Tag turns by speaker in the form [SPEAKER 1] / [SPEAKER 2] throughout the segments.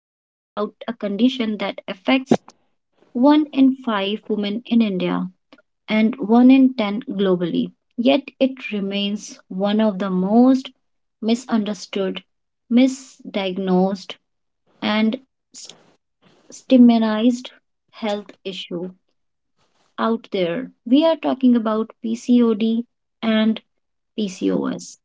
[SPEAKER 1] about a condition that affects 1 in 5 women in India and 1 in 10 globally. Yet it remains one of the most misunderstood, misdiagnosed, and s- stigmatized health issue out there. We are talking about PCOD and PCOS.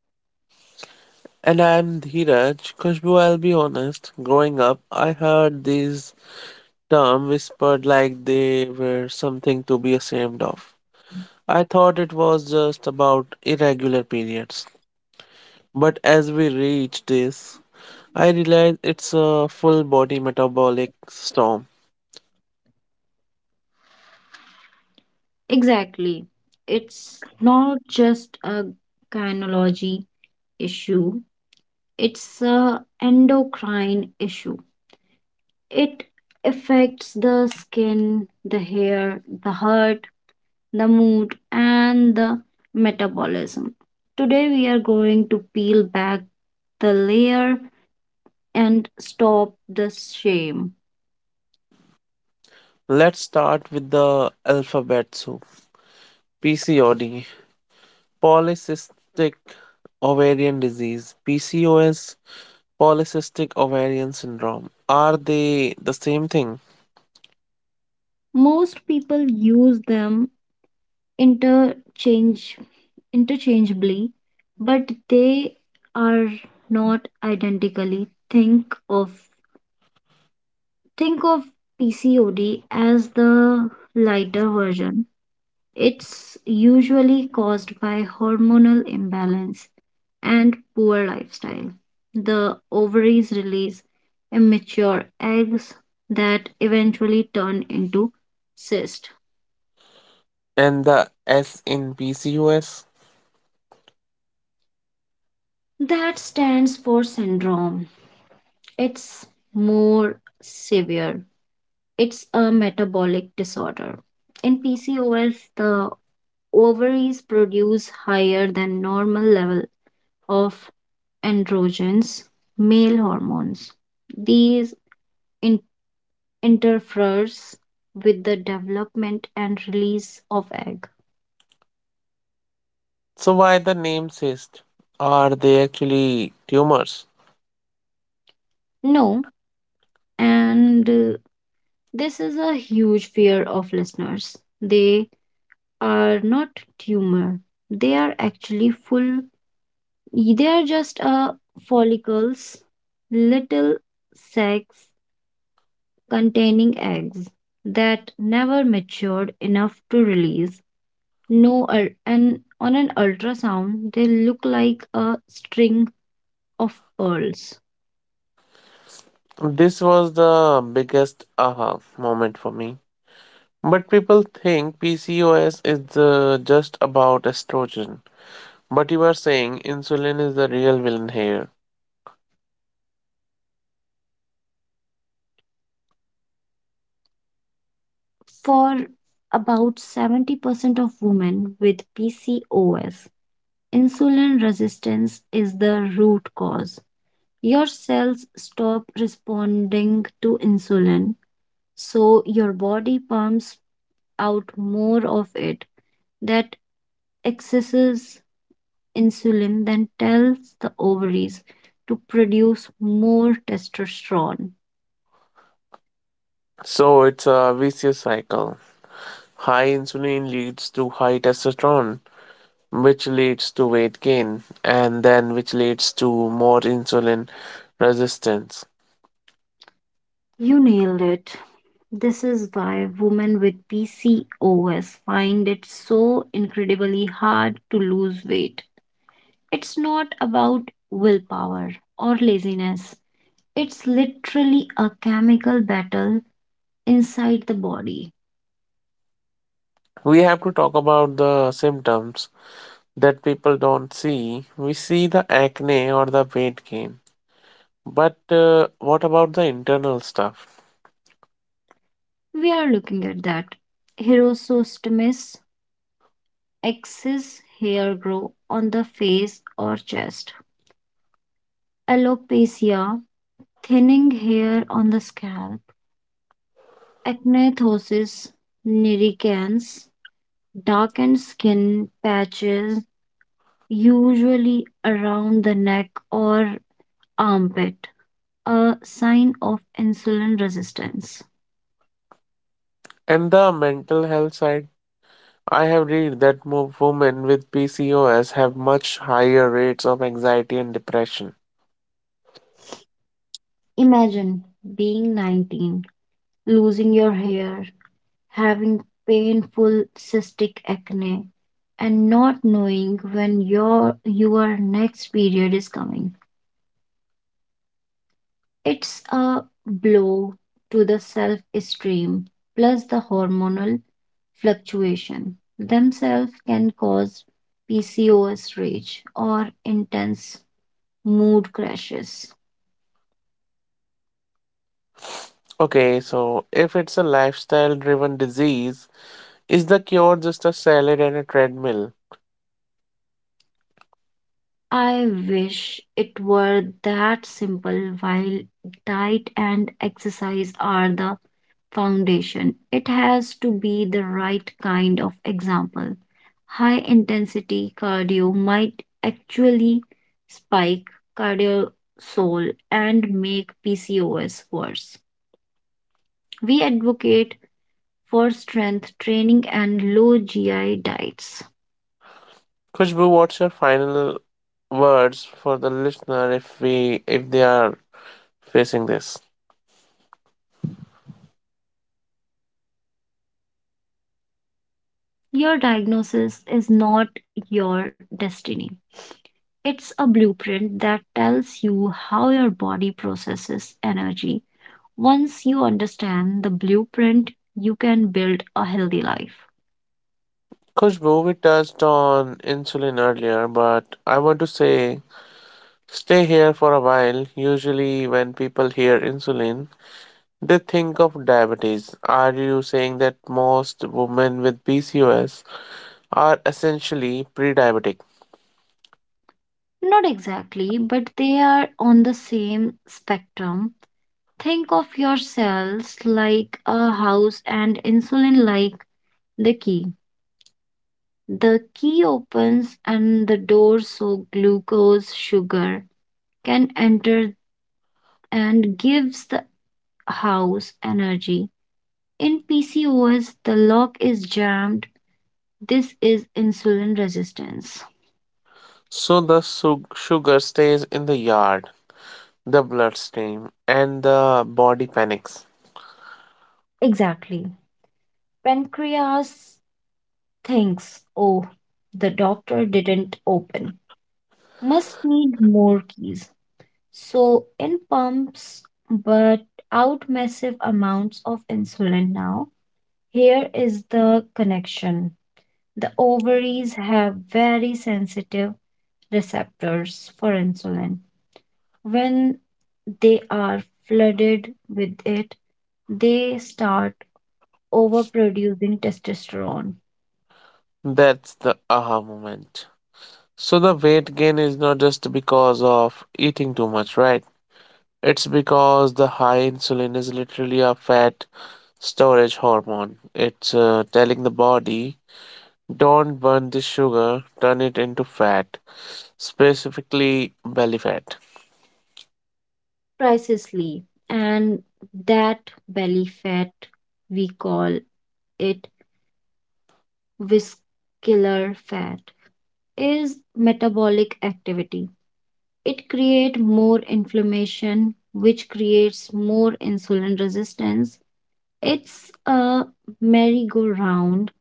[SPEAKER 2] And I'm Dheeraj. Khushbu, I'll be honest, growing up, I heard these terms whispered like they were something to be ashamed of. I thought it was just about irregular periods. But as we reach this, I realize it's a full body metabolic storm.
[SPEAKER 1] Exactly. It's not just a gynecology issue, it's a endocrine issue. It affects the skin, the hair, the heart, the mood and the metabolism. Today we are going to peel back the layer and stop the shame.
[SPEAKER 2] Let's start with the alphabet soup. PCOD, polycystic ovarian disease, PCOS, polycystic ovarian syndrome. Are they the same thing?
[SPEAKER 1] Most people use them interchange interchangeably, but they are not identically. Think of PCOD as the lighter version. It's usually caused by hormonal imbalance and poor lifestyle. The ovaries release immature eggs that eventually turn into cyst.
[SPEAKER 2] And the S in PCOS?
[SPEAKER 1] That stands for syndrome. It's more severe. It's a metabolic disorder. In PCOS, the ovaries produce higher than normal level of androgens, male hormones. These in- interferes with the development and release of egg.
[SPEAKER 2] So why the name cyst? Are they actually tumors?
[SPEAKER 1] No, and this is a huge fear of listeners. They are not tumor. They are actually full They are just follicles, little sacs containing eggs that never matured enough to release. No, and on an ultrasound, they look like a string of pearls.
[SPEAKER 2] This was the biggest aha moment for me. But people think PCOS is just about estrogen. But you are saying insulin is the real villain here.
[SPEAKER 1] For about 70% of women with PCOS, insulin resistance is the root cause. Your cells stop responding to insulin so your body pumps out more of it that excesses insulin then tells the ovaries to produce more testosterone.
[SPEAKER 2] So it's a vicious cycle. High insulin leads to high testosterone, which leads to weight gain and then which leads to more insulin resistance.
[SPEAKER 1] You nailed it. This is why women with PCOS find it so incredibly hard to lose weight. It's not about willpower or laziness, it's literally a chemical battle inside the body.
[SPEAKER 2] We have to talk about the symptoms that people don't see. We see the acne or the weight gain, but what about the internal stuff?
[SPEAKER 1] We are looking at that. Hirosostomies, excess hair grow on the face or chest. Alopecia, thinning hair on the scalp. Acnethosis, nericans, darkened skin patches, usually around the neck or armpit, a sign of insulin resistance.
[SPEAKER 2] And the mental health side, I have read that women with PCOS have much higher rates of anxiety and depression.
[SPEAKER 1] Imagine being 19, losing your hair, having painful cystic acne, and not knowing when your next period is coming. It's a blow to the self-esteem plus the hormonal fluctuation themselves can cause PCOS rage or intense mood crashes.
[SPEAKER 2] Okay, so if it's a lifestyle driven disease, is the cure just a salad and a treadmill?
[SPEAKER 1] I wish it were that simple. While diet and exercise are the foundation, it has to be the right kind of example. High intensity cardio might actually spike cortisol and make PCOS worse. We advocate for strength training and low GI diets.
[SPEAKER 2] Khushbu, what's your final words for the listener if they are facing this?
[SPEAKER 1] Your diagnosis is not your destiny. It's a blueprint that tells you how your body processes energy. Once you understand the blueprint, you can build a healthy life.
[SPEAKER 2] Khushbu, we touched on insulin earlier, but I want to say stay here for a while. Usually when people hear insulin, they think of diabetes. Are you saying that most women with PCOS are essentially pre-diabetic?
[SPEAKER 1] Not exactly, but they are on the same spectrum. Think of your cells like a house and insulin like the key. The key opens and the door so glucose, sugar can enter and gives the house energy. In PCOS, the lock is jammed. This is insulin resistance.
[SPEAKER 2] So the sugar stays in the yard. The bloodstain and the body panics.
[SPEAKER 1] Exactly. Pancreas thinks, oh, the doctor didn't open. Must need more keys. So in pumps, but out massive amounts of insulin now. Here is the connection. The ovaries have very sensitive receptors for insulin. When they are flooded with it, they start overproducing testosterone.
[SPEAKER 2] That's the aha moment. So the weight gain is not just because of eating too much, right? It's because the high insulin is literally a fat storage hormone. It's telling the body, don't burn this sugar, turn it into fat, specifically belly fat.
[SPEAKER 1] Pricelessly, and that belly fat, we call it vascular fat, is metabolic activity. It creates more inflammation, which creates more insulin resistance. It's a merry-go-round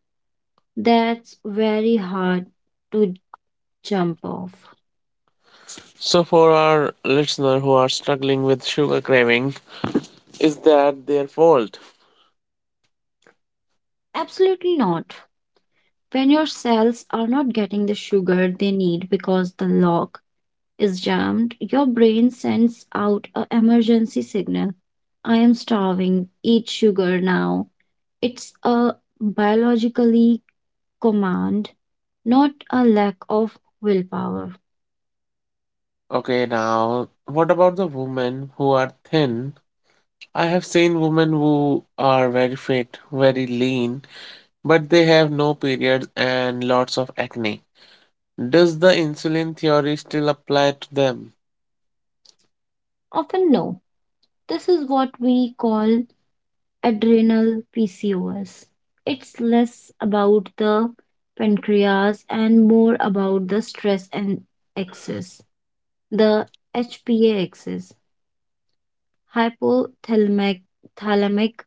[SPEAKER 1] that's very hard to jump off.
[SPEAKER 2] So for our listener who are struggling with sugar craving, is that their fault?
[SPEAKER 1] Absolutely not. When your cells are not getting the sugar they need because the lock is jammed, your brain sends out a emergency signal. I am starving, eat sugar now. It's a biologically command, not a lack of willpower.
[SPEAKER 2] Okay, now what about the women who are thin? I have seen women who are very fit, very lean, but they have no periods and lots of acne. Does the insulin theory still apply to them?
[SPEAKER 1] Often no. This is what we call adrenal PCOS. It's less about the pancreas and more about the stress and axis, the HPA axis, hypothalamic, thalamic,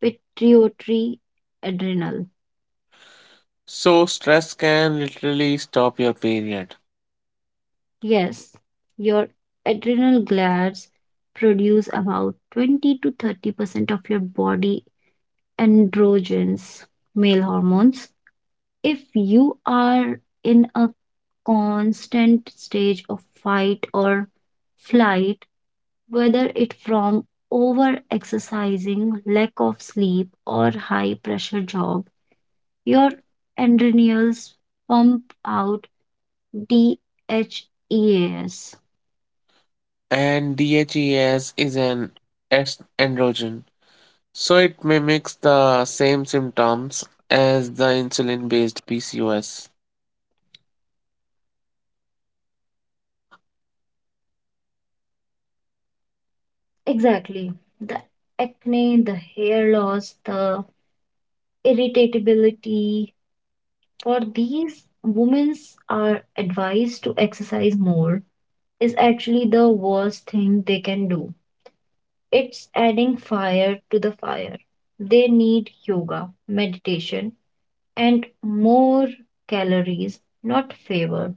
[SPEAKER 1] pituitary, adrenal.
[SPEAKER 2] So, stress can literally stop your period.
[SPEAKER 1] Yes, your adrenal glands produce about 20 to 30% of your body androgens, male hormones if you are in a constant stage of fight or flight, whether it from over exercising, lack of sleep, or high pressure job, your adrenals pump out DHEAs.
[SPEAKER 2] And DHEAS is an androgen, so it mimics the same symptoms as the insulin based PCOS.
[SPEAKER 1] Exactly. The acne, the hair loss, the irritability. For these, women are advised to exercise more is actually the worst thing they can do. It's adding fire to the fire. They need yoga, meditation, and more calories, not favor.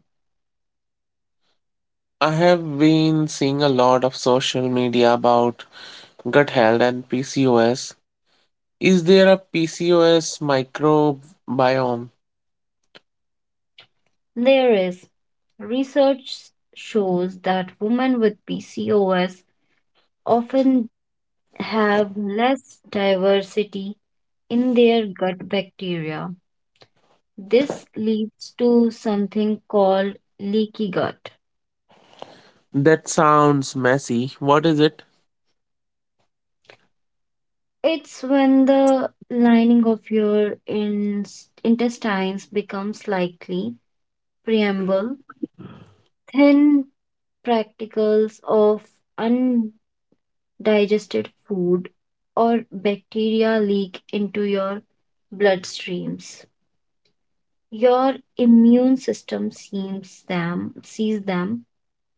[SPEAKER 2] I have been seeing a lot of social media about gut health and PCOS. Is there a PCOS microbiome?
[SPEAKER 1] There is research shows that women with PCOS often have less diversity in their gut bacteria. This leads to something called leaky gut.
[SPEAKER 2] That sounds messy. What is it?
[SPEAKER 1] It's when the lining of your intestines becomes slightly preamble, thin particles of undigested food or bacteria leak into your bloodstreams. Your immune system sees them,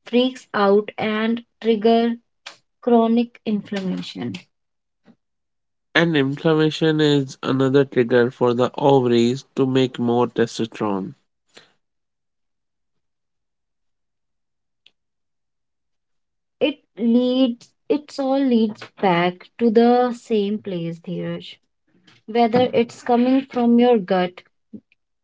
[SPEAKER 1] freaks out and trigger chronic inflammation.
[SPEAKER 2] And inflammation is another trigger for the ovaries to make more testosterone.
[SPEAKER 1] It's all leads back to the same place, Dheeraj. Whether it's coming from your gut,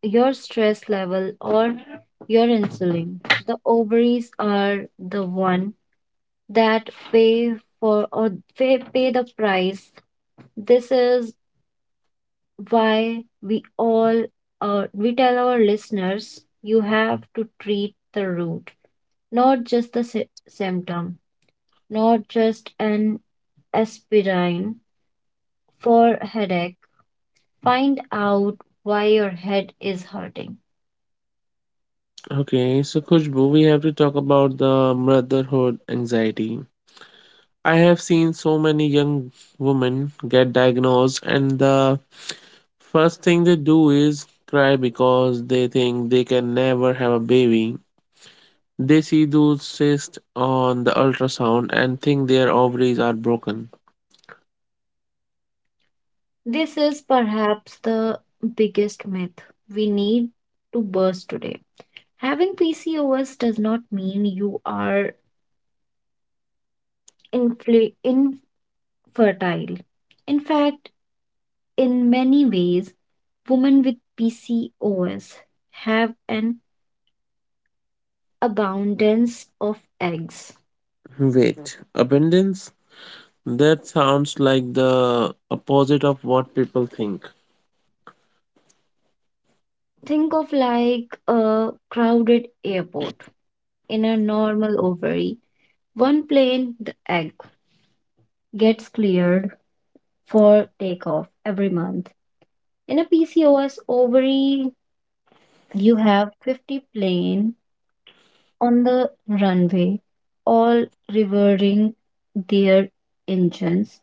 [SPEAKER 1] your stress level, or your insulin, the ovaries are the one that for or pay the price. This is why we all we tell our listeners you have to treat the root, not just the symptom, not just an aspirin for headache. Find out why your head is hurting.
[SPEAKER 2] Okay, so Khushbu, we have to talk about the motherhood anxiety. I have seen so many young women get diagnosed, and the first thing they do is cry because they think they can never have a baby. They see those cysts on the ultrasound and think their ovaries are broken.
[SPEAKER 1] This is perhaps the biggest myth we need to burst today. Having PCOS does not mean you are infertile. In fact, in many ways, women with PCOS have an abundance of eggs.
[SPEAKER 2] Wait, abundance? That sounds like the opposite of what people think.
[SPEAKER 1] Think of like a crowded airport in a normal ovary. One plane, the egg, gets cleared for takeoff every month. In a PCOS ovary, you have 50 plane on the runway, all revving their engines.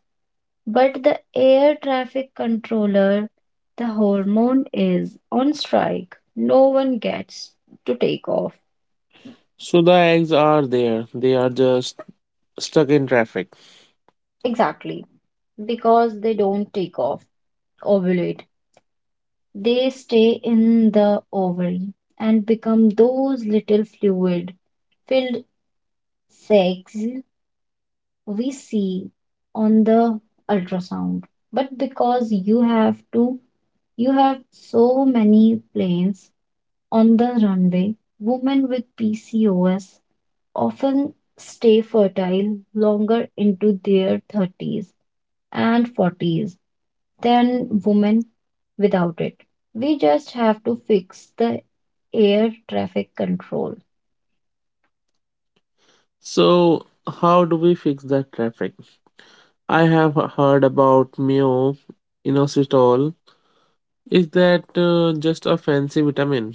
[SPEAKER 1] But the air traffic controller, the hormone is on strike. No one gets to take off.
[SPEAKER 2] So the eggs are there, they are just stuck in traffic.
[SPEAKER 1] Exactly. Because they don't take off, ovulate. They stay in the ovary and become those little fluid filled sacs we see on the ultrasound. But because you have so many planes on the runway, women with PCOS often stay fertile longer into their 30s and 40s than women without it. We just have to fix the air traffic control.
[SPEAKER 2] So, how do we fix that traffic? I have heard about myo inositol. Is that just a fancy vitamin?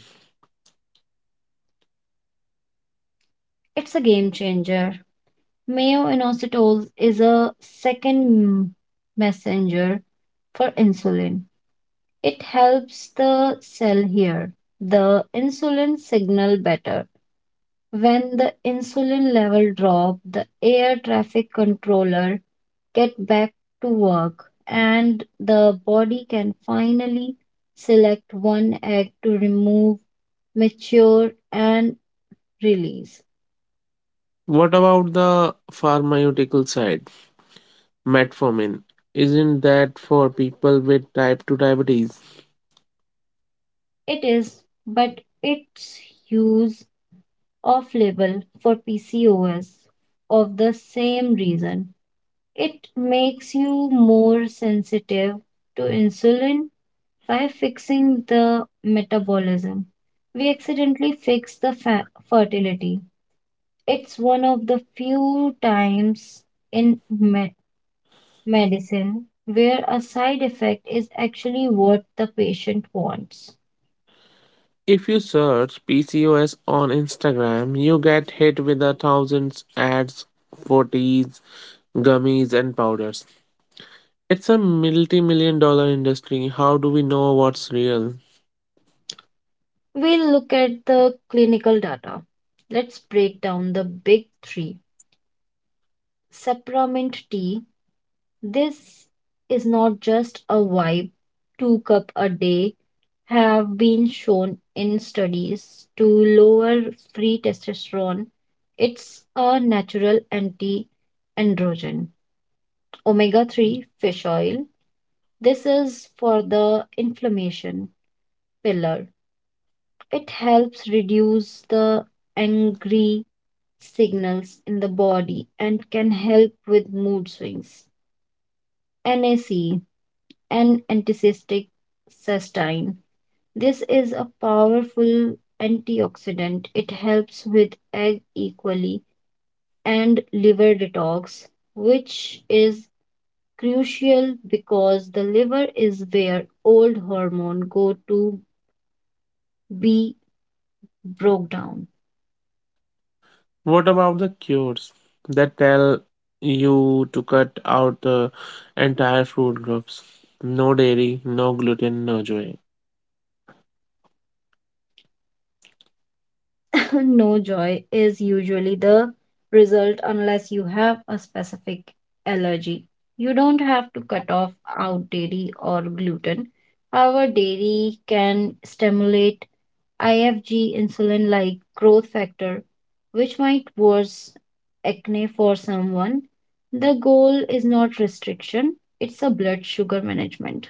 [SPEAKER 1] It's a game changer. Mayo inositol is a second messenger for insulin. It helps the cell hear the insulin signal better. When the insulin level drop, the air traffic controller get back to work and the body can finally select one egg to remove, mature and release.
[SPEAKER 2] What about the pharmaceutical side? Metformin. Isn't that for people with type 2 diabetes?
[SPEAKER 1] It is, but its use off label for PCOS of the same reason. It makes you more sensitive to insulin by fixing the metabolism. We accidentally fix the fertility. It's one of the few times in medicine where a side effect is actually what the patient wants.
[SPEAKER 2] If you search PCOS on Instagram, you get hit with a thousands ads for teas, gummies and powders. It's a multi-million-dollar industry. How do we know what's real?
[SPEAKER 1] We'll look at the clinical data. Let's break down the big three. Supplement tea. This is not just a vibe. Two cup a day have been shown in studies to lower free testosterone. It's a natural anti-androgen. Omega-3 fish oil. This is for the inflammation pillar. It helps reduce the angry signals in the body and can help with mood swings. NAC, an antiseptic cystine. This is a powerful antioxidant. It helps with egg equally and liver detox, which is crucial because the liver is where old hormone go to be broke down.
[SPEAKER 2] What about the cures that tell you to cut out the entire fruit groups? No dairy, no gluten, no joy.
[SPEAKER 1] No joy is usually the result unless you have a specific allergy. You don't have to cut off out dairy or gluten. However, dairy can stimulate IFG insulin like growth factor, which might worsen acne for someone. The goal is not restriction, it's a blood sugar management.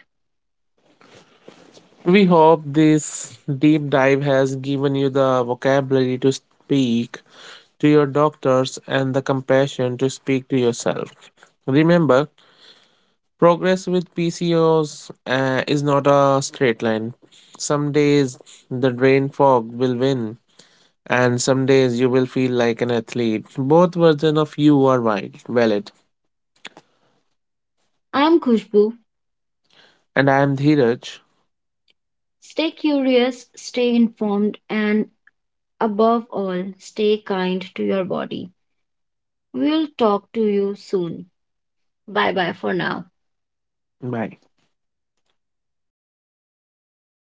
[SPEAKER 2] We hope this deep dive has given you the vocabulary to speak to your doctors and the compassion to speak to yourself. Remember, progress with PCOS is not a straight line. Some days the brain fog will win, and some days you will feel like an athlete. Both versions of you are valid.
[SPEAKER 1] I'm Khushbu.
[SPEAKER 2] And I am Dheeraj.
[SPEAKER 1] Stay curious, stay informed, and above all, stay kind to your body. We'll talk to you soon. Bye bye for now.
[SPEAKER 2] Bye.